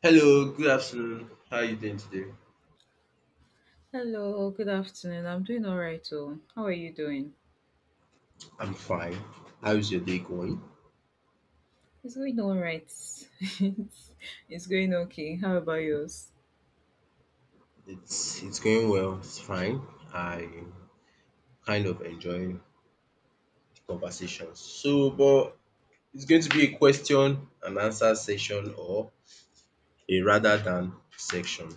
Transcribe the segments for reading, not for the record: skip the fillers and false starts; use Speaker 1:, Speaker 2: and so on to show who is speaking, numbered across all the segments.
Speaker 1: Hello, good afternoon. How are you doing today?
Speaker 2: Hello, good afternoon. I'm doing all right. Oh, how are you doing?
Speaker 1: I'm fine. How's your day going?
Speaker 2: It's going all right. it's, it's going okay. How about yours?
Speaker 1: It's going well. It's fine. I kind of enjoy the conversation. So, but it's going to be a question and answer session or a rather than section.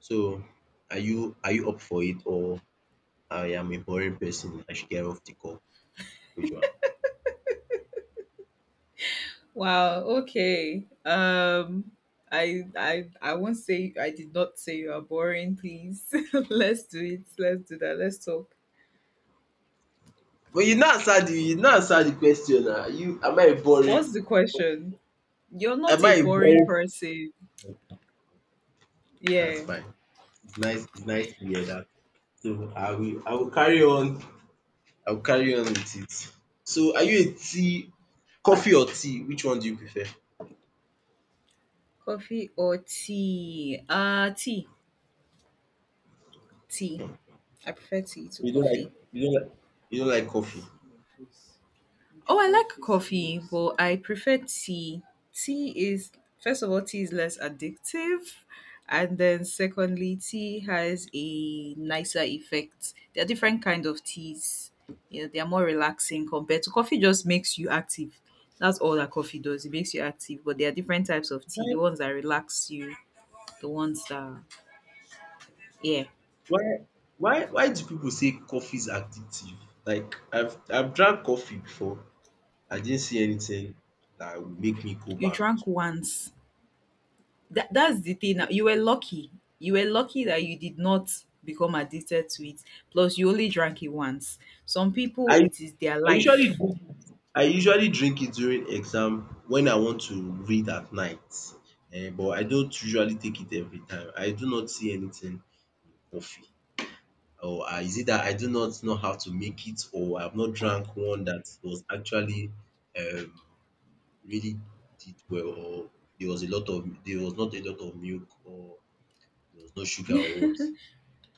Speaker 1: So, are you up for it, or I am a boring person? I should get off the call. Which one?
Speaker 2: Wow. Okay. I won't say I did not say you are boring. Please, let's do it. Let's do that. Let's talk.
Speaker 1: But you not answer the question. Ah, you, am I a boring?
Speaker 2: What's the question? You're
Speaker 1: Am
Speaker 2: not a
Speaker 1: I a
Speaker 2: boring
Speaker 1: boring?
Speaker 2: person.
Speaker 1: That's
Speaker 2: Yeah.
Speaker 1: fine. It's nice to hear that. So I will carry on with it. So are you a tea coffee or tea? Which one do you prefer?
Speaker 2: Coffee or tea? Tea. Tea. I prefer tea to
Speaker 1: You don't like
Speaker 2: coffee.
Speaker 1: you don't like you don't like coffee.
Speaker 2: Oh, I like coffee, but I prefer tea. Tea is, first of all, tea is less addictive. And then, secondly, tea has a nicer effect. There are different kind of teas. You know, they are more relaxing compared to coffee. Just makes you active. That's all that coffee does. It makes you active. But there are different types of tea.
Speaker 1: Why
Speaker 2: The ones that relax you. The ones that, yeah,
Speaker 1: why why why do people say coffee is addictive? Like I've drank coffee before. I didn't see anything that would make me go
Speaker 2: you
Speaker 1: back
Speaker 2: drank once. That's the thing
Speaker 1: to.
Speaker 2: now. You were lucky that you did not become addicted to it. Plus you only drank it once. Some
Speaker 1: I
Speaker 2: people, it is their
Speaker 1: I usually
Speaker 2: life.
Speaker 1: drink it I usually drink it during exam when I want to read at night, but I don't usually take it every time. I do not see anything in coffee, or is it that I do not know how to make it, or I have not drank one that was actually, um really did well, or there was not a lot of milk, or there was no sugar, or what.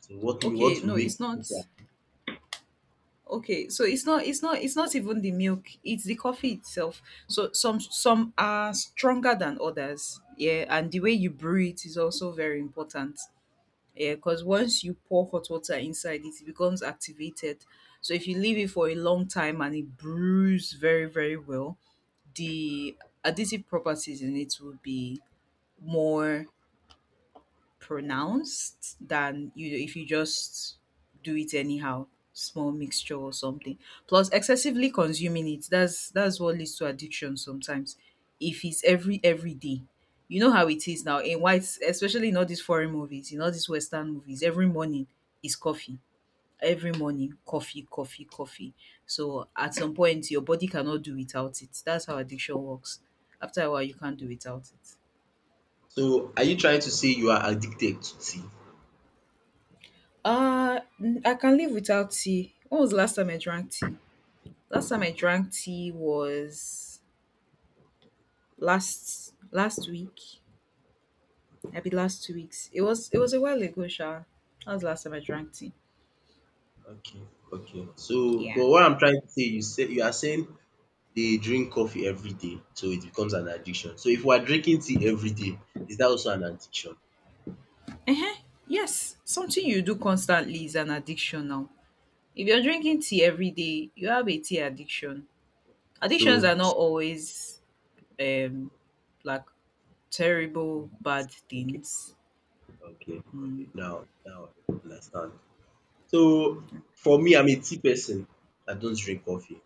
Speaker 1: So what
Speaker 2: Okay,
Speaker 1: what will
Speaker 2: no,
Speaker 1: make
Speaker 2: it's
Speaker 1: you
Speaker 2: not.
Speaker 1: do that?
Speaker 2: Okay, so it's not even the milk, it's the coffee itself. So some are stronger than others, yeah, and the way you brew it is also very important. Yeah, because once you pour hot water inside it, it becomes activated. So if you leave it for a long time and it brews very, very well, the additive properties in it will be more pronounced than you if you just do it anyhow. Small mixture or something. Plus excessively consuming it, that's what leads to addiction sometimes, if it's every day. You know how it is now in whites, especially in all these foreign movies, in all these western movies, every morning is coffee. Every morning, coffee, coffee, coffee. So at some point your body cannot do without it. That's how addiction works. After a while you can't do without it.
Speaker 1: So are you trying to say you are addicted to tea?
Speaker 2: I can live without tea. When was the last time I drank tea? Last time I drank tea was last week. Maybe last 2 weeks. It was a while ago, Sha. That was the last time I drank tea.
Speaker 1: Okay, okay. So,
Speaker 2: Yeah.
Speaker 1: but what I'm trying to say you are saying they drink coffee every day, so it becomes an addiction. So if we are drinking tea every day, is that also an addiction?
Speaker 2: Uh-huh. Yes. Something you do constantly is an addiction now. If you're drinking tea every day, you have a tea addiction. Addictions are
Speaker 1: So, s-
Speaker 2: not always um like terrible bad
Speaker 1: okay,
Speaker 2: things.
Speaker 1: okay, okay.
Speaker 2: Mm.
Speaker 1: Now, now I understand. So
Speaker 2: Okay.
Speaker 1: for me, I'm a tea person. I don't drink coffee.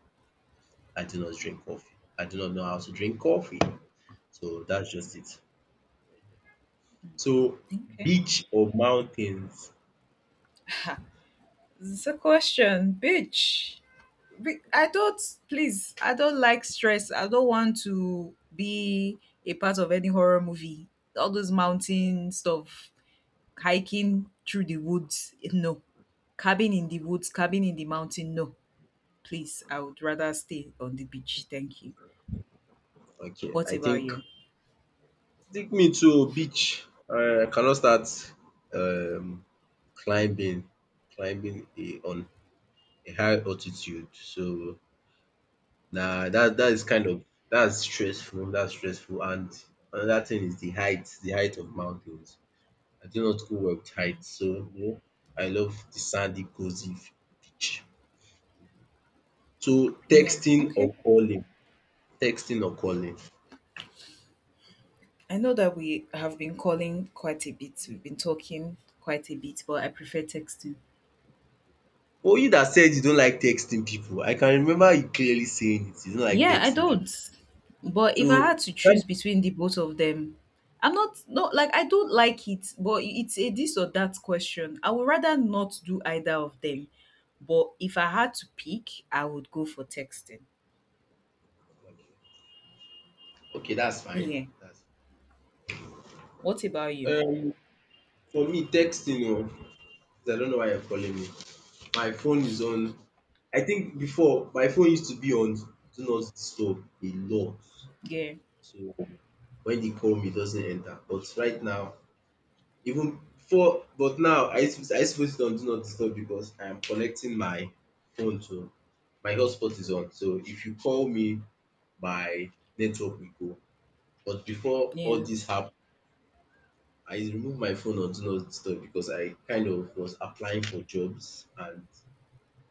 Speaker 1: I do not drink coffee. I do not know how to drink coffee. So that's just it. So
Speaker 2: Okay.
Speaker 1: beach or mountains?
Speaker 2: It's a question bitch. I don't Please, I don't like stress. I don't want to be a part of any horror movie. All those mountain stuff, hiking through the woods, no. Cabin in the woods, cabin in the mountain, no. Please, I would rather stay on the beach. Thank you.
Speaker 1: Okay,
Speaker 2: What
Speaker 1: I
Speaker 2: about
Speaker 1: think
Speaker 2: you?
Speaker 1: take me to beach. I cannot start um climbing climbing a on a high altitude. So nah, that that is kind of that's stressful, and another thing is the height of mountains. I do not go well with height,
Speaker 2: Mm,
Speaker 1: so you know, I love the sandy cozy beach. So
Speaker 2: yeah.
Speaker 1: texting
Speaker 2: Okay.
Speaker 1: or calling, texting or calling.
Speaker 2: I know that we have been calling quite a bit, we've been talking quite a bit, but I prefer texting.
Speaker 1: For you that said you don't like texting people, I can remember you clearly saying it, you don't like
Speaker 2: Yeah, I
Speaker 1: texting people.
Speaker 2: don't. But if I
Speaker 1: So
Speaker 2: had to
Speaker 1: thank
Speaker 2: choose between the both of them, I'm not, not like I don't like it, but it's a this or that question. I would rather not do either of them. But if I had to pick, I would go for texting.
Speaker 1: Okay, that's fine.
Speaker 2: Yeah.
Speaker 1: That's
Speaker 2: What about you?
Speaker 1: um for me texting, oh, I don't know why you're calling me. My phone is on. I think before my phone used to be on do not disturb a lot.
Speaker 2: Yeah.
Speaker 1: So when they call me it doesn't enter. But right now, even before, but now I used to put it on do not disturb because I am connecting my phone to, my hotspot is on. So if you call me, my network will go. But before all
Speaker 2: Yeah.
Speaker 1: this happened, I removed my phone on do not disturb because I kind of was applying for jobs and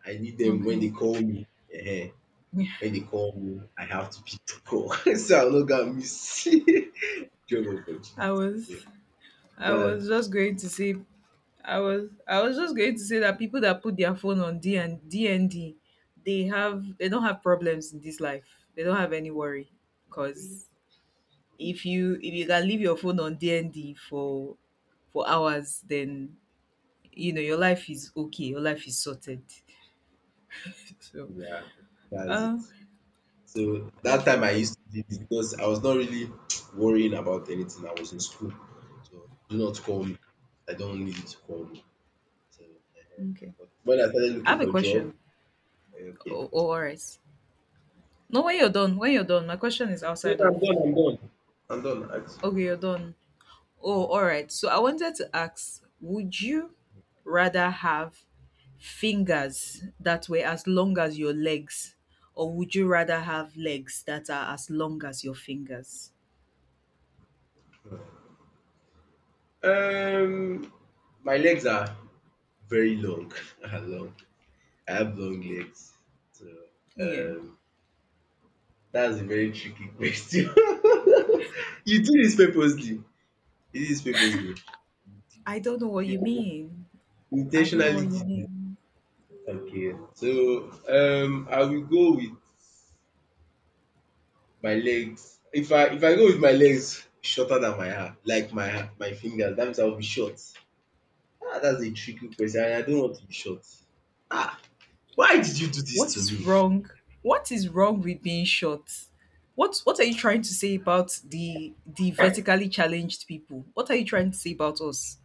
Speaker 1: I need them when they
Speaker 2: Okay.
Speaker 1: call me. Ehen, when they call me, I have to pick the call, so I'm not gonna miss job opportunity.
Speaker 2: I
Speaker 1: So
Speaker 2: was I
Speaker 1: that
Speaker 2: was just going to say, I was just going to say that people that put their phone on D and D and D, they don't have problems in this life. They don't have any worry because if you can leave your phone on D and D for hours, then you know your life is okay. Your life is sorted. So,
Speaker 1: Yeah, that's it.
Speaker 2: uh,
Speaker 1: So that
Speaker 2: that's
Speaker 1: time I
Speaker 2: okay.
Speaker 1: used to do this because I was not really worrying about anything. I was in school. So do not call me. I don't need you to call me. So
Speaker 2: Okay,
Speaker 1: but when I started
Speaker 2: I
Speaker 1: looking
Speaker 2: have a
Speaker 1: for job,
Speaker 2: question.
Speaker 1: eh, okay.
Speaker 2: Oh, all right. No, when you're done, my question is
Speaker 1: No,
Speaker 2: outside of.
Speaker 1: I'm done, I'm done. I'm done.
Speaker 2: Okay, you're done. Oh, all right. So I wanted to ask, would you rather have fingers that were as long as your legs, or would you rather have legs that are as long as your fingers?
Speaker 1: Um, my legs are very long. Are long. I have long legs. So
Speaker 2: Yeah.
Speaker 1: um, that's a very tricky question. You did this purposely. You did this purposely.
Speaker 2: I don't know what you
Speaker 1: You
Speaker 2: mean. I don't know
Speaker 1: intentionally
Speaker 2: what you
Speaker 1: did this.
Speaker 2: mean.
Speaker 1: Okay. So I will go with my legs. If I go with my legs shorter than my arm, like my my fingers, that means I will be short. Ah, that's a tricky question. And I don't want to be short. Ah, why did you do this
Speaker 2: What
Speaker 1: to
Speaker 2: is
Speaker 1: me?
Speaker 2: wrong? What is wrong with being short? What are you trying to say about the vertically challenged people? What are you trying to say about us?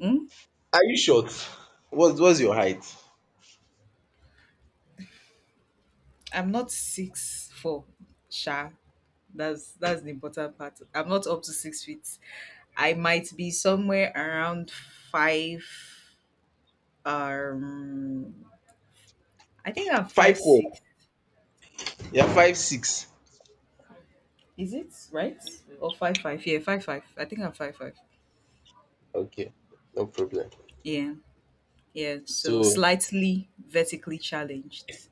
Speaker 2: Hmm?
Speaker 1: Are you short? What's your height?
Speaker 2: I'm not 6'4", Sha. That's the important part. I'm not up to 6 feet. I might be somewhere around five. Um, I think I'm
Speaker 1: Five
Speaker 2: five
Speaker 1: four.
Speaker 2: six.
Speaker 1: You're 5'6".
Speaker 2: Is it right or five five? Yeah, five five. I think I'm five five.
Speaker 1: Okay, no problem.
Speaker 2: Yeah, yeah. So
Speaker 1: So
Speaker 2: slightly vertically challenged.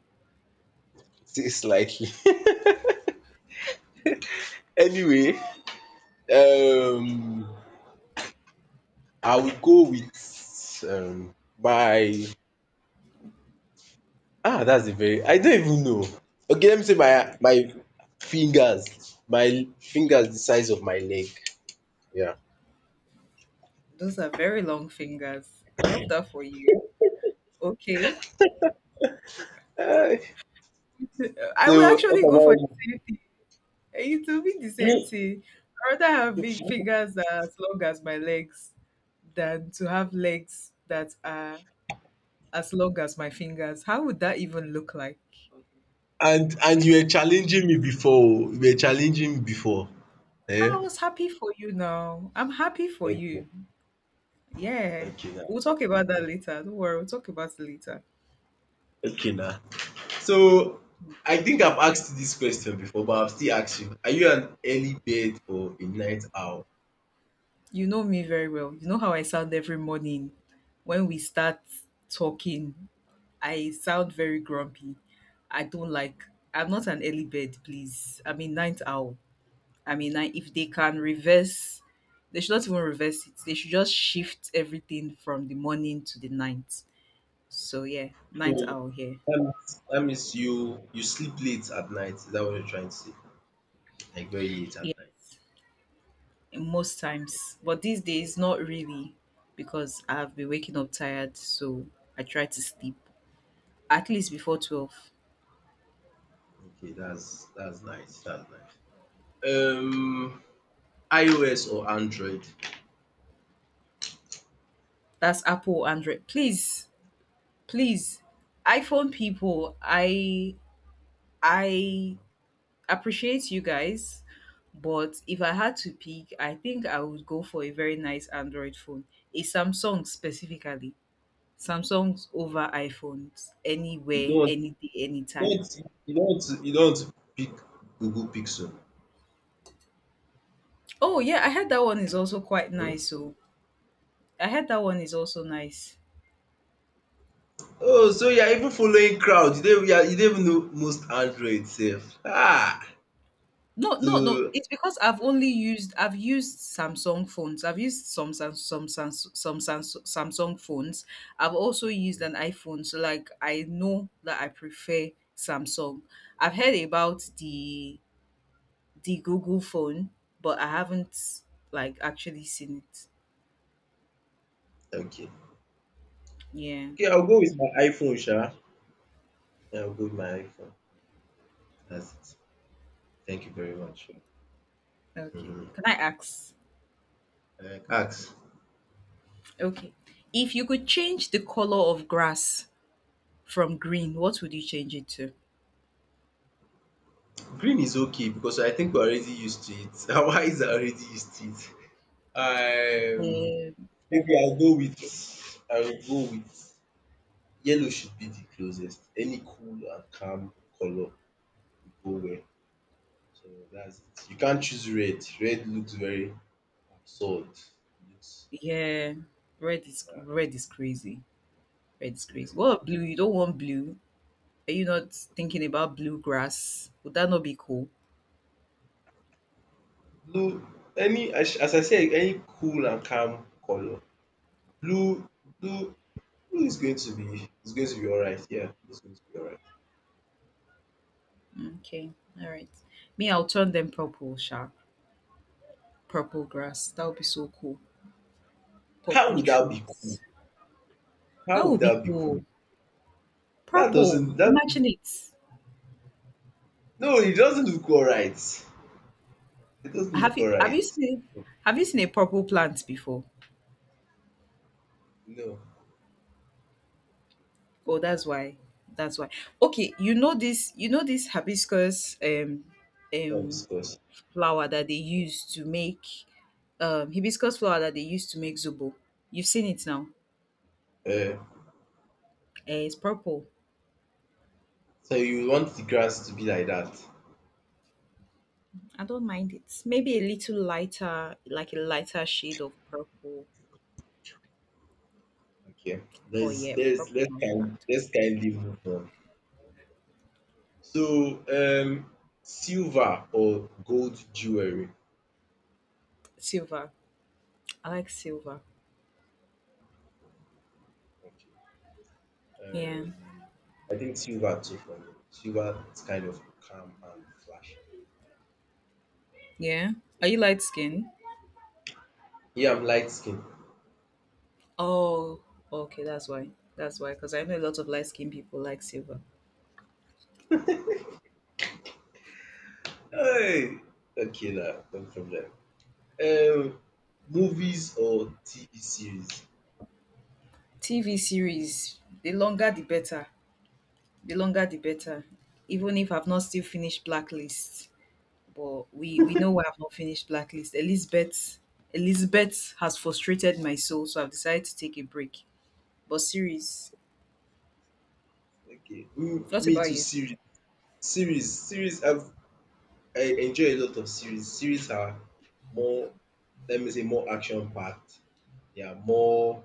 Speaker 1: say slightly. Anyway, um, I will go with my, ah, that's a very, I don't even know. Okay, let me say my fingers, my fingers the size of my leg. Yeah.
Speaker 2: Those are very long fingers. I love that for you. Okay,
Speaker 1: Ah,
Speaker 2: I will
Speaker 1: so what
Speaker 2: actually go for the
Speaker 1: am
Speaker 2: same thing. It will be the same thing. I rather have big fingers as long as my legs than to have legs that are as long as my fingers. How would that even look like?
Speaker 1: I? And you were challenging me before. Oh, you were challenging me before.
Speaker 2: I
Speaker 1: Eh?
Speaker 2: was happy for you, now I'm happy for
Speaker 1: Okay,
Speaker 2: you. Yeah.
Speaker 1: okay now.
Speaker 2: We'll talk about that later. Don't worry, we'll talk about it later.
Speaker 1: Okay now. So I think I've asked you this question before, but I'll still ask you. Are you an early bird or a night owl?
Speaker 2: You know me very well. You know how I sound every morning when we start talking. I sound very grumpy. I don't like I'm not an early bird, please. I'm a ninth owl. I mean, like, if they can reverse, they should not even reverse it. They should just shift everything from the morning to the night. So yeah, night
Speaker 1: So
Speaker 2: hour here.
Speaker 1: that means you you sleep late at night. Is that what you're trying to say? Like very late at
Speaker 2: Yeah,
Speaker 1: night.
Speaker 2: most times, but these days not really, because I've been waking up tired. So I try to sleep at least before 12.
Speaker 1: Okay, that's nice. That's nice. Um, iOS or Android?
Speaker 2: That's Apple Android. Please, please, iPhone people, I appreciate you guys. But if I had to pick, I think I would go for a very nice Android phone, a Samsung specifically. Samsung's over iPhones
Speaker 1: You
Speaker 2: anywhere, any day, anytime.
Speaker 1: don't you don't you don't pick Google Pixel.
Speaker 2: Oh yeah, I heard that one is also quite
Speaker 1: Hmm?
Speaker 2: nice. So I heard that one is also nice.
Speaker 1: Oh, so you are even following crowd. You don't even know most Android sef. Ah!
Speaker 2: No, no, no.
Speaker 1: So,
Speaker 2: It's because I've used Samsung phones. I've used some Samsung phones. I've also used an iPhone. So like I know that I prefer Samsung. I've heard about the Google phone, but I haven't like actually seen it.
Speaker 1: okay.
Speaker 2: Yeah.
Speaker 1: Okay, I'll go with my iPhone sha. Yeah, I'll go with my iPhone. That's it. Thank you very much.
Speaker 2: Okay. Okay.
Speaker 1: Mhm.
Speaker 2: Can I ask?
Speaker 1: Ask.
Speaker 2: Okay. If you could change the color of grass from green, what would you change it to?
Speaker 1: Green is okay because I think we're already used to it. Our eyes are already used to it. Um,
Speaker 2: Um,
Speaker 1: maybe I'll go with
Speaker 2: okay.
Speaker 1: I will go with yellow, should be the closest. Any cool and calm colour will go well. So that's it. You can't choose red. Red looks very absurd. Looks,
Speaker 2: Yeah. Red is
Speaker 1: yeah.
Speaker 2: red is crazy. Red is
Speaker 1: Yeah.
Speaker 2: crazy. What about blue? You don't want blue. Are you not thinking about blue grass? Would that not be cool?
Speaker 1: Blue, any, as I said, any cool and calm colour. Blue blue blue is going to be alright. Yeah, it's going to be alright.
Speaker 2: Okay. All right. Me, I'll turn them purple, Sharp. Purple grass. That would be so cool.
Speaker 1: How
Speaker 2: Purple
Speaker 1: would that be cool?
Speaker 2: trees. That
Speaker 1: How would
Speaker 2: would be
Speaker 1: that be cool?
Speaker 2: cool.
Speaker 1: That
Speaker 2: Purple.
Speaker 1: doesn't that
Speaker 2: Imagine it.
Speaker 1: No, it doesn't look alright. It doesn't
Speaker 2: Have
Speaker 1: look
Speaker 2: you have you
Speaker 1: alright.
Speaker 2: seen have you seen a purple plant before?
Speaker 1: No,
Speaker 2: Oh, that's why. That's why. Okay, you know this hibiscus,
Speaker 1: not
Speaker 2: um
Speaker 1: discuss.
Speaker 2: flower that they use to make, hibiscus flower that they use to make zobo. You've seen it now.
Speaker 1: Uh.
Speaker 2: Eh, it's purple.
Speaker 1: So you want the grass to be like that?
Speaker 2: I don't mind it. Maybe a little lighter, like a lighter shade of purple.
Speaker 1: Okay.
Speaker 2: Oh
Speaker 1: Let's
Speaker 2: yeah,
Speaker 1: let's
Speaker 2: purple.
Speaker 1: let's
Speaker 2: Not bad.
Speaker 1: kind let's kindly move on. So silver or gold jewelry.
Speaker 2: Silver. I like silver.
Speaker 1: Okay.
Speaker 2: Yeah.
Speaker 1: Um, I think silver too for me. Silver is kind of calm and flashy.
Speaker 2: Yeah. Are
Speaker 1: Yeah.
Speaker 2: you light skinned?
Speaker 1: Yeah, I'm light skinned.
Speaker 2: Oh, okay. That's why. That's why. Because I know a lot of light skinned people like silver.
Speaker 1: Hey, okay now, no problem. Um, movies or TV series.
Speaker 2: TV series, the longer the better. The longer the better. Even if I've not still finished Blacklist, but we know why I've not finished Blacklist. Elizabeth has frustrated my soul, so I've decided to take a break. But series,
Speaker 1: Okay. Mm,
Speaker 2: what
Speaker 1: me
Speaker 2: about
Speaker 1: too,
Speaker 2: you?
Speaker 1: series. Series. I enjoy a lot of series. Series are more, let me say more action packed. They are more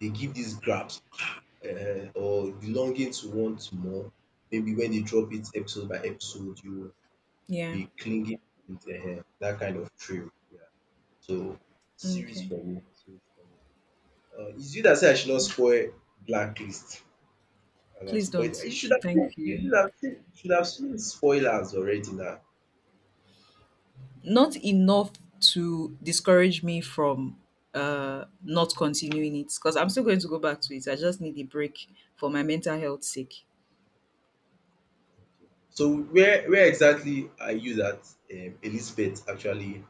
Speaker 1: They give this grasp, or the longing to want more. Maybe when they drop it episode by episode, you will
Speaker 2: Yeah.
Speaker 1: be clinging with dat kind of thrill. Yeah, so series
Speaker 2: Okay.
Speaker 1: for me, series for me. Um, is you that say I should not spoil Blacklist, as I
Speaker 2: Please
Speaker 1: spoil it.
Speaker 2: don't.
Speaker 1: You should have seen
Speaker 2: Thank
Speaker 1: you
Speaker 2: you.
Speaker 1: should have seen you should have seen spoilers already now.
Speaker 2: Not enough to discourage me from not continuing it, because I'm still going to go back to it. I just need a break for my mental health sake.
Speaker 1: So where exactly are you that Elizabeth actually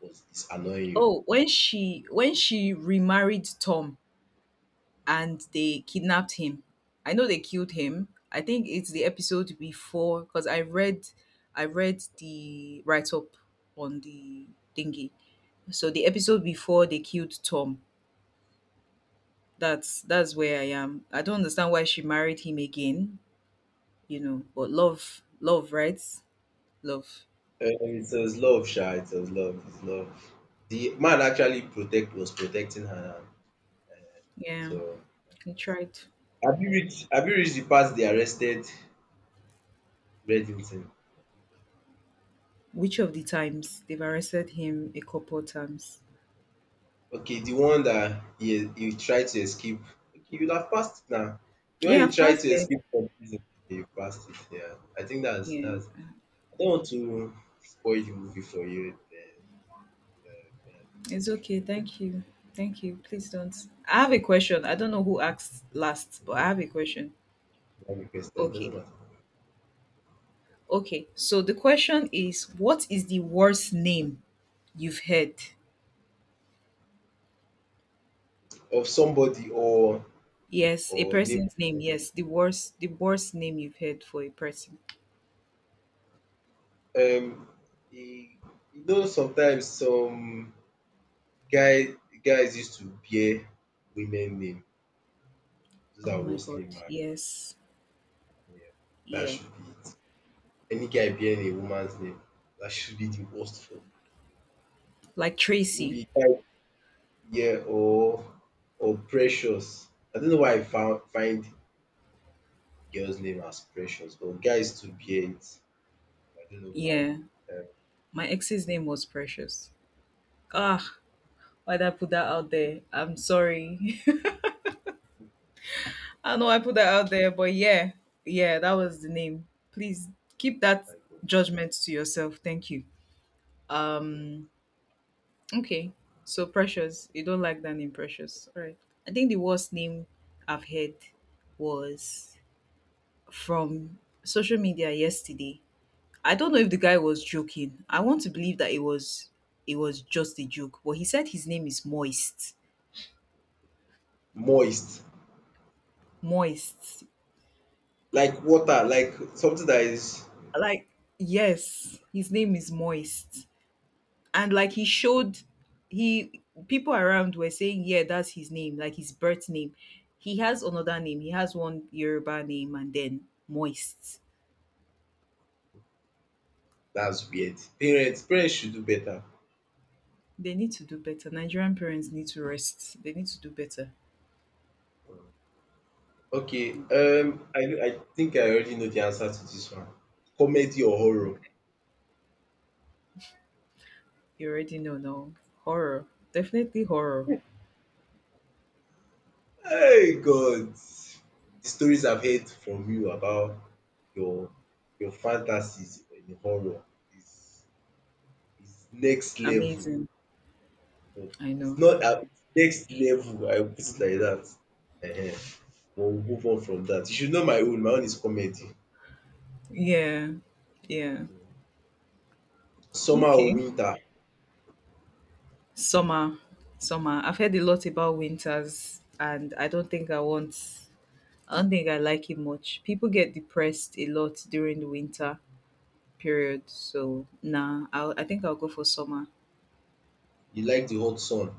Speaker 1: was is annoying you?
Speaker 2: Oh, when she remarried Tom and they kidnapped him, I know they killed him. I think it's the episode before, because I read the write-up on the thingy. So the episode before, they killed Tom. That's where I am. I don't understand why she married him again. You know, but love, love, right? Love.
Speaker 1: Um, it was love sha, it was love, it's love. The man actually protecting her.
Speaker 2: Yeah,
Speaker 1: So
Speaker 2: he tried.
Speaker 1: have you reached the part they arrested Reddington?
Speaker 2: Which of the times? They've arrested him a couple times.
Speaker 1: Okay, the one that he tried to escape. Okay, you'd have passed it now. The one
Speaker 2: Yeah,
Speaker 1: he
Speaker 2: I've
Speaker 1: tried
Speaker 2: passed
Speaker 1: to
Speaker 2: there.
Speaker 1: escape from prison. Okay, you passed it, yeah. I think that's,
Speaker 2: Yeah,
Speaker 1: I don't want to spoil the movie for you. Eh, eh,
Speaker 2: it's okay. Thank you. Thank you. Please don't. I have a question. I don't know who asked last, but I have a question.
Speaker 1: that request, it doesn't
Speaker 2: Okay.
Speaker 1: matter.
Speaker 2: Okay. So the question is, what is the worst name you've heard?
Speaker 1: Of somebody
Speaker 2: Yes, a
Speaker 1: or neighbor.
Speaker 2: person's name. Yes, the worst name you've heard for a person.
Speaker 1: Um, e you know sometimes some guy guys used to bear women name. Those
Speaker 2: Oh
Speaker 1: are
Speaker 2: my
Speaker 1: worst
Speaker 2: god.
Speaker 1: name I,
Speaker 2: Yes.
Speaker 1: yeah, that
Speaker 2: Yeah.
Speaker 1: should be it. Any guy bearing a woman's name, that should be the worst form.
Speaker 2: Like Tracy.
Speaker 1: Maybe guy, yeah, or precious. I don't know why I found find girls name as precious but guys to bear it. I don't know why.
Speaker 2: Yeah.
Speaker 1: Um,
Speaker 2: My
Speaker 1: mhm,
Speaker 2: ex's name was Precious. Ah, why'd I put that out there? I'm sorry. I know I put that out there, but yeah. Yeah, that was the name. Please keep that
Speaker 1: like,
Speaker 2: judgment to yourself. Thank you. Um, okay. So Precious. You don't like that name, Precious. All right. I think the worst name I've heard was from social media yesterday. I don't know if the guy was joking. I want to believe that it was, it was just a joke, but he said his name is Moist.
Speaker 1: moist.
Speaker 2: Moist.
Speaker 1: Like water, like something that is,
Speaker 2: Like yes, his name is Moist. And like he showed he people around were saying, "Yeah, that's his name, like his birth name." He has another name. He has one Yoruba name and then Moist.
Speaker 1: that's weird. Parents, parents should do better.
Speaker 2: They need to do better. Nigerian parents need to rest. They need to do better.
Speaker 1: Okay,
Speaker 2: You,
Speaker 1: um, I think I already know the answer to this one. Comedy or horror?
Speaker 2: you already know now. Horror. Definitely horror.
Speaker 1: Hey God! The stories I've heard from you about your your fantasies in horror is is next level.
Speaker 2: Amazing.
Speaker 1: But
Speaker 2: I
Speaker 1: it's
Speaker 2: know.
Speaker 1: not, ah, next level, I will put it like that. Ehen, but we'll move on from that. You should know my own. My own is comedy.
Speaker 2: Yeah. Yeah.
Speaker 1: Summer or
Speaker 2: Okay.
Speaker 1: winter?
Speaker 2: Summer. Summer. I've heard a lot about winters and I don't think I like it much. People get depressed a lot during the winter period. So nah, I think I'll go for summer.
Speaker 1: You like the hot sun.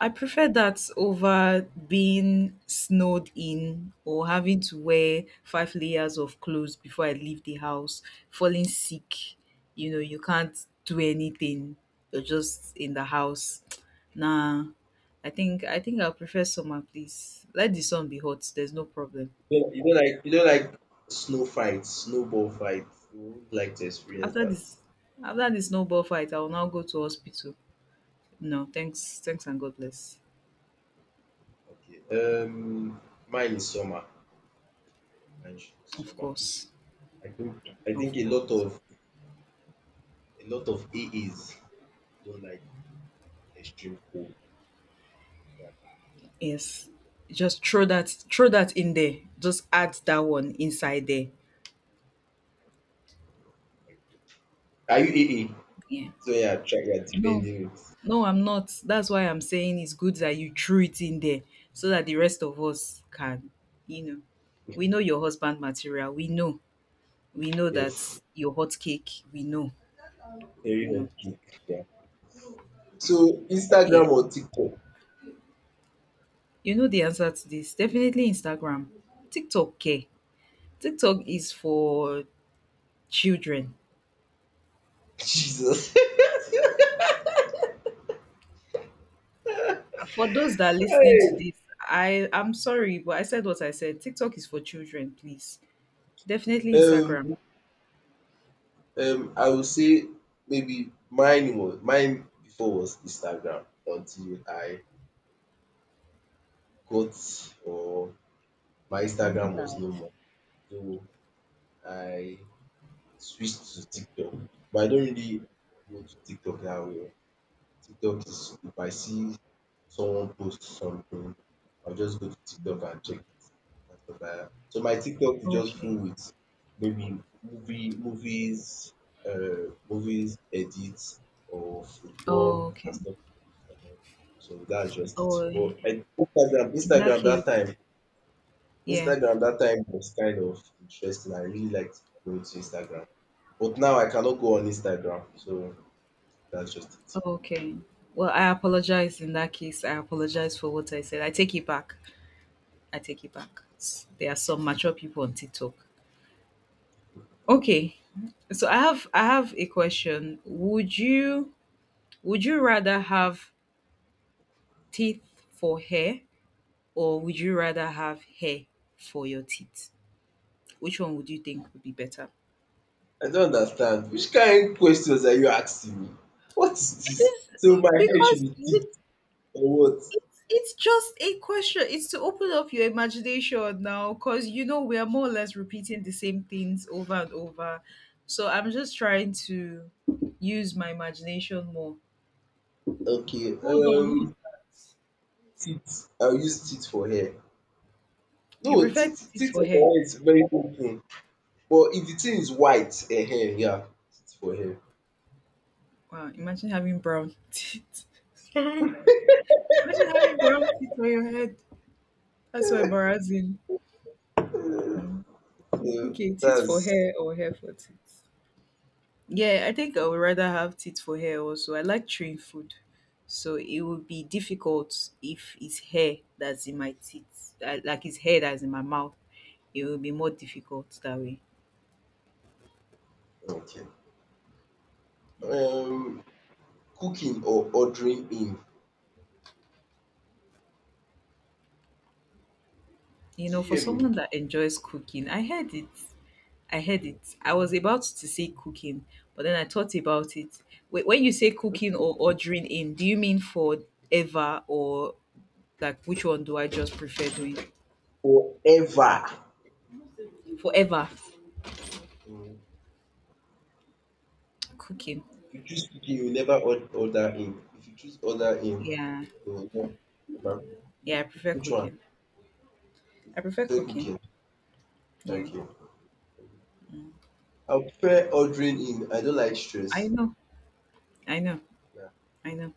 Speaker 2: I prefer that over being snowed in or having to wear five layers of clothes before I leave the house, falling sick. You know, you can't do anything. You're just in the house. Nah, I think I'll prefer summer, please. Let the sun be hot. There's no problem.
Speaker 1: You don't like, you don't like snow fights, snowball fights. You would like to experience
Speaker 2: After
Speaker 1: that.
Speaker 2: this, After this snowball fight, I will now go to hospital. No, thanks, thanks, and God bless.
Speaker 1: Okay. Um, mine is summer. Mine is
Speaker 2: Of
Speaker 1: summer.
Speaker 2: course,
Speaker 1: I think I
Speaker 2: of
Speaker 1: think
Speaker 2: course.
Speaker 1: a lot of AAs don't like extreme cold. Yeah.
Speaker 2: Yes. Just throw that in there. Just add that one inside there.
Speaker 1: Are you AA?
Speaker 2: Yeah.
Speaker 1: So yeah, try yeah,
Speaker 2: No.
Speaker 1: defending it.
Speaker 2: No, I'm not. That's why I'm saying it's good that you threw it in there so that the rest of us can, you know. We know your husband material. We know. We know that
Speaker 1: Yes.
Speaker 2: your hot cake. We know.
Speaker 1: Very
Speaker 2: We know.
Speaker 1: hot kick. Yeah. So Instagram
Speaker 2: Okay.
Speaker 1: or TikTok?
Speaker 2: You know the answer to this. Definitely Instagram. TikTok. Okay, TikTok is for children.
Speaker 1: Jesus.
Speaker 2: For those that are listening to
Speaker 1: Hey.
Speaker 2: this, I'm sorry, but I said what I said. TikTok is for children, please. Definitely
Speaker 1: Um
Speaker 2: Instagram.
Speaker 1: I would say maybe mine before was Instagram, until I got, or my
Speaker 2: Oh my
Speaker 1: Instagram was
Speaker 2: God.
Speaker 1: no more. So I switched to TikTok. But I don't really go to TikTok that way. TikTok is, if I see someone post something, I'll just go to TikTok and check it and stuff like that. So my TikTok is just full
Speaker 2: Okay.
Speaker 1: with maybe movies edits or football
Speaker 2: Oh,
Speaker 1: and
Speaker 2: okay.
Speaker 1: stuff. Um, So that's just
Speaker 2: Oh,
Speaker 1: it.
Speaker 2: in
Speaker 1: Instagram,
Speaker 2: that
Speaker 1: Instagram that
Speaker 2: case,
Speaker 1: time,
Speaker 2: yeah.
Speaker 1: Instagram that time was kind of interesting. I really liked going to Instagram. But now I cannot go on Instagram. So that's just it.
Speaker 2: Okay. Well, I apologize in that case. I apologize for what I said. I take it back. I take it back. There are some mature people on TikTok. Okay. So I have a question. Would you rather have teeth for hair or would you rather have hair for your teeth? Which one would you think would be better?
Speaker 1: I don't understand. Which kain questions are you asking me? What is
Speaker 2: It
Speaker 1: this?
Speaker 2: is
Speaker 1: So my hair should
Speaker 2: because
Speaker 1: be
Speaker 2: you,
Speaker 1: teeth or what?
Speaker 2: it's just a question. It's to open up your imagination now, because you know we are more or less repeating the same things over and over. So I'm just trying to use my imagination more.
Speaker 1: Okay, teeth. I will use teeth for hair.
Speaker 2: You
Speaker 1: No,
Speaker 2: prefer
Speaker 1: teeth
Speaker 2: teeth
Speaker 1: teeth
Speaker 2: for hair?
Speaker 1: for hair is very good but if the thing is white ehen yeah, teeth for hair.
Speaker 2: Wow! Imagine having brown teeth. Sorry. Imagine having brown teeth on your head. That's so embarrassing. Mm.
Speaker 1: So
Speaker 2: Okay, teeth for
Speaker 1: that's
Speaker 2: hair or hair for teeth? Yeah, I think I would rather have teeth for hair also. I like chewing food. So it would be difficult if it's hair that's in my teeth, like it's hair that's in my mouth. It will be more difficult that way.
Speaker 1: okay. um Cooking or ordering in.
Speaker 2: You
Speaker 1: Do you
Speaker 2: know, for
Speaker 1: hear
Speaker 2: someone that enjoys cooking, I heard it. I heard
Speaker 1: me?
Speaker 2: it. I was about to say cooking, but then I thought about it. Wait, when you say cooking or ordering in, do you mean forever or like which one do I just prefer doing?
Speaker 1: Ever.
Speaker 2: Forever
Speaker 1: Mm.
Speaker 2: cooking.
Speaker 1: If you choose cooking, you never order in. If you choose order in,
Speaker 2: Yeah.
Speaker 1: you will know about
Speaker 2: Yeah, I
Speaker 1: cooking.
Speaker 2: prefer
Speaker 1: Which one?
Speaker 2: cooking. I prefer
Speaker 1: Fair
Speaker 2: cooking.
Speaker 1: cooking.
Speaker 2: Yeah.
Speaker 1: Okay. I'll prefer ordering in. I don't like
Speaker 2: I
Speaker 1: stress.
Speaker 2: know. I know.
Speaker 1: Yeah.
Speaker 2: I know.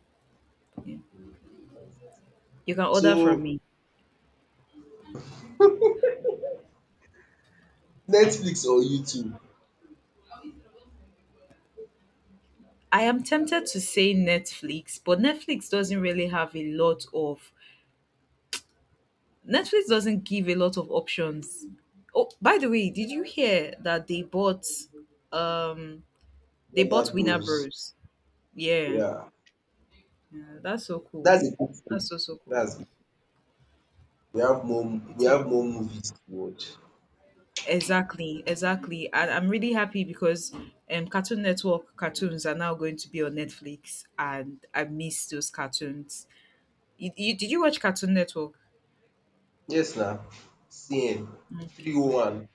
Speaker 2: Yeah.
Speaker 1: Mm.
Speaker 2: You can order from
Speaker 1: So
Speaker 2: me.
Speaker 1: Netflix or YouTube,
Speaker 2: I am tempted to say Netflix, but Netflix doesn't really have a lot of Netflix doesn't give a lot of options. Oh, by the way, did you hear that um they
Speaker 1: Warner
Speaker 2: bought Winner
Speaker 1: Bros.
Speaker 2: Bros? Yeah.
Speaker 1: Yeah.
Speaker 2: Yeah, that's so cool.
Speaker 1: That's a good
Speaker 2: That's
Speaker 1: thing.
Speaker 2: so so cool.
Speaker 1: That's good. We have more we
Speaker 2: It is.
Speaker 1: have more movies to watch.
Speaker 2: Exactly, exactly. And I'm really happy because Cartoon Network cartoons are now going to be on Netflix, and I miss those cartoons. Did you watch Cartoon Network?
Speaker 1: Yes now. CN three
Speaker 2: Okay.
Speaker 1: oh one.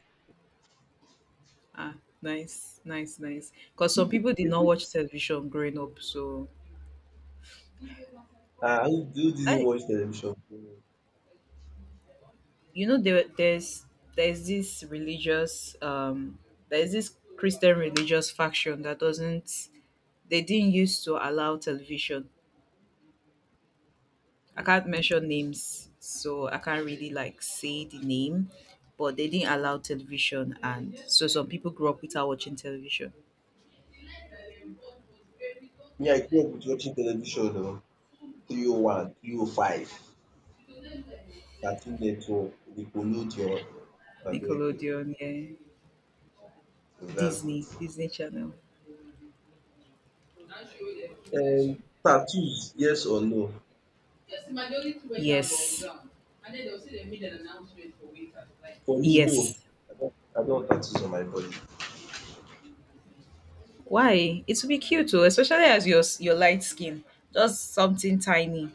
Speaker 2: Ah, nice, nice, nice. Because some people did not watch television growing up, so
Speaker 1: Ah, who didn't
Speaker 2: I,
Speaker 1: watch television?
Speaker 2: you know, there's this religious there's this Christian religious faction that doesn't they didn't used to allow television. I can't
Speaker 1: Mm.
Speaker 2: mention names, so I can't really like say the name, but they didn't allow television, and so some people grew up without watching television.
Speaker 1: Me, I grew up with watching television o. 301, 305, 13 network dey pollute your abeg oh.
Speaker 2: Nickelodeon, yeah,
Speaker 1: So that's
Speaker 2: Disney, Disney Channel.
Speaker 1: it. Tattoos yes or no?
Speaker 2: Yes,
Speaker 1: For me no,
Speaker 2: yes.
Speaker 1: I don't. I don have tattoos on my body.
Speaker 2: Why? It would be cute too, especially as your light skin. Just something tiny.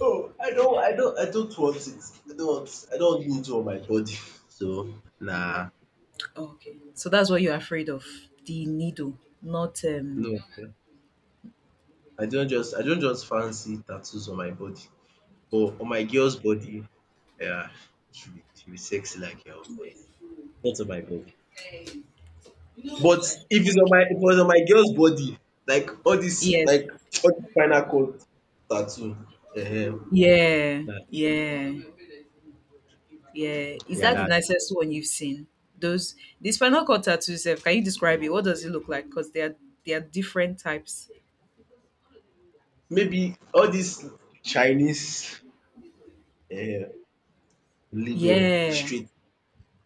Speaker 1: Oh, I don't. I don't. I don't want it, I don't need do on my body so nah,
Speaker 2: Okay, so that's what you're afraid of. The needle, not.
Speaker 1: no. I don't just fancy tattoos on my body but on my girls body. Yeah, she be sexy like hell but not on my body. But if it was on my girl's body, like
Speaker 2: Yes.
Speaker 1: all this spinal cord tattoo, um
Speaker 2: Yeah.
Speaker 1: that,
Speaker 2: Yeah. Yeah. Is
Speaker 1: yeah,
Speaker 2: that the
Speaker 1: that.
Speaker 2: nicest one you've seen? Those the spinal cord tattoo itself, can you describe it? What does it look like? Because they are different types.
Speaker 1: Maybe all this Chinese um label
Speaker 2: Yeah.
Speaker 1: street,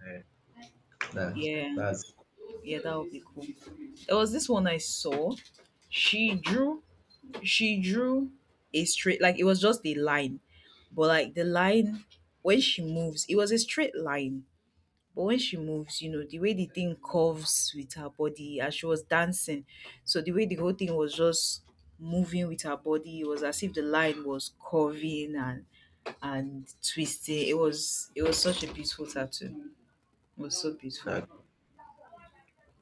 Speaker 1: eh, na
Speaker 2: Yeah.
Speaker 1: that's
Speaker 2: Yeah, that would be cool. There was this one I saw. She drew she drew a straight like it was just a line. But like the line when she moves, it was a straight line. But when she moves, you know, the way the thing curves with her body as she was dancing, so the way the whole thing was just moving with her body, it was as if the line was curving and twisting. It was such a beautiful tattoo. It was so beautiful.
Speaker 1: that.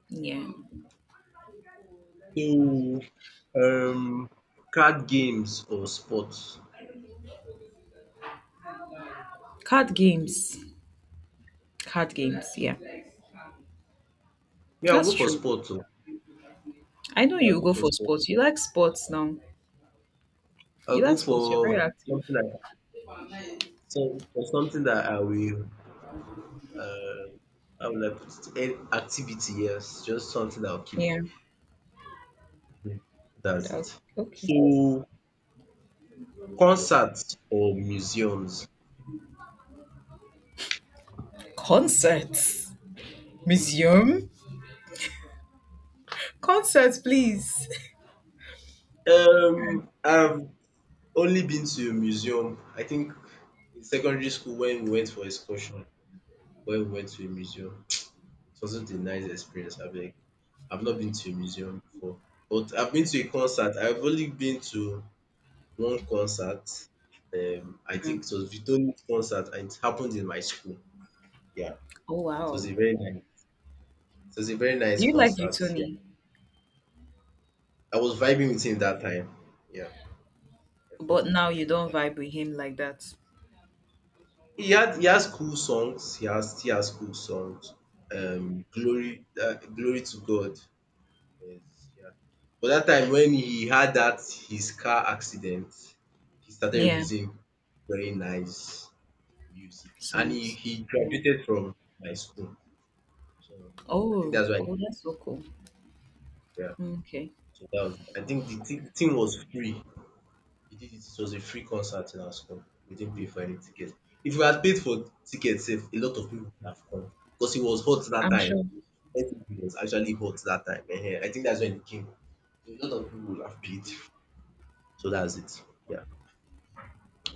Speaker 2: Yeah.
Speaker 1: So um card games or sports.
Speaker 2: Card games. Card games, yeah.
Speaker 1: Yeah, I'll go
Speaker 2: That's
Speaker 1: for
Speaker 2: true.
Speaker 1: sports oo,
Speaker 2: I know
Speaker 1: me I'll
Speaker 2: you
Speaker 1: go
Speaker 2: go
Speaker 1: for
Speaker 2: for
Speaker 1: sports.
Speaker 2: sports. You like sports now.
Speaker 1: I'll
Speaker 2: You
Speaker 1: go
Speaker 2: like sports, you're very
Speaker 1: for
Speaker 2: active.
Speaker 1: something like, so for something that I will, Uh, how will I put it? An activity, yes, just something I'll keep.
Speaker 2: Yeah.
Speaker 1: That's
Speaker 2: Dog.
Speaker 1: it.
Speaker 2: Okay.
Speaker 1: So, concerts or museums?
Speaker 2: Concerts. Museum. Concert, please.
Speaker 1: I've only been to a museum. I think in secondary school when we went for excursion, when we went to a museum, it wasn't a nice experience. I beg. I've not been to a museum before, but I've been to a concert. I've only been to one concert. I think it was Vitoni's concert, and it happened in my school. Yeah.
Speaker 2: Oh
Speaker 1: So it's
Speaker 2: wow.
Speaker 1: a very nice, it was a very
Speaker 2: Do
Speaker 1: nice
Speaker 2: you like
Speaker 1: concert. Yeah,
Speaker 2: Victoni?
Speaker 1: I was vibing with him that time. Yeah, I felt
Speaker 2: But
Speaker 1: it
Speaker 2: now
Speaker 1: with
Speaker 2: you
Speaker 1: him
Speaker 2: don't
Speaker 1: that.
Speaker 2: vibe with him like that.
Speaker 1: He has cool songs. He has cool songs. Glory to God. Yes, yeah. But that time when he had that his car accident, he started
Speaker 2: Yeah,
Speaker 1: releasing very nice music, and he
Speaker 2: songs.
Speaker 1: he
Speaker 2: Yeah.
Speaker 1: graduated from my school. So I think
Speaker 2: Oh,
Speaker 1: that's why.
Speaker 2: oh, that's so cool.
Speaker 1: Yeah.
Speaker 2: Okay.
Speaker 1: So that was. I think the thing was free. We did it. It was a free concert in our school. We didn't pay for any ticket. If we had paid for tickets, sef, a lot of people would have come because it was hot that
Speaker 2: I'm
Speaker 1: time.
Speaker 2: sure.
Speaker 1: It was actually hot that time. Ehen. I think that's when it came. So a lot of people would have paid. So that's it. Yeah.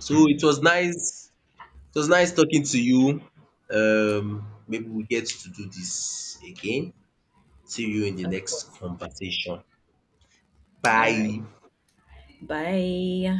Speaker 1: So it was nice. It was nice talking to you. Maybe we get to do this again. See you in the
Speaker 2: Of
Speaker 1: next
Speaker 2: course.
Speaker 1: conversation.
Speaker 2: All right.
Speaker 1: Bye.
Speaker 2: Bye.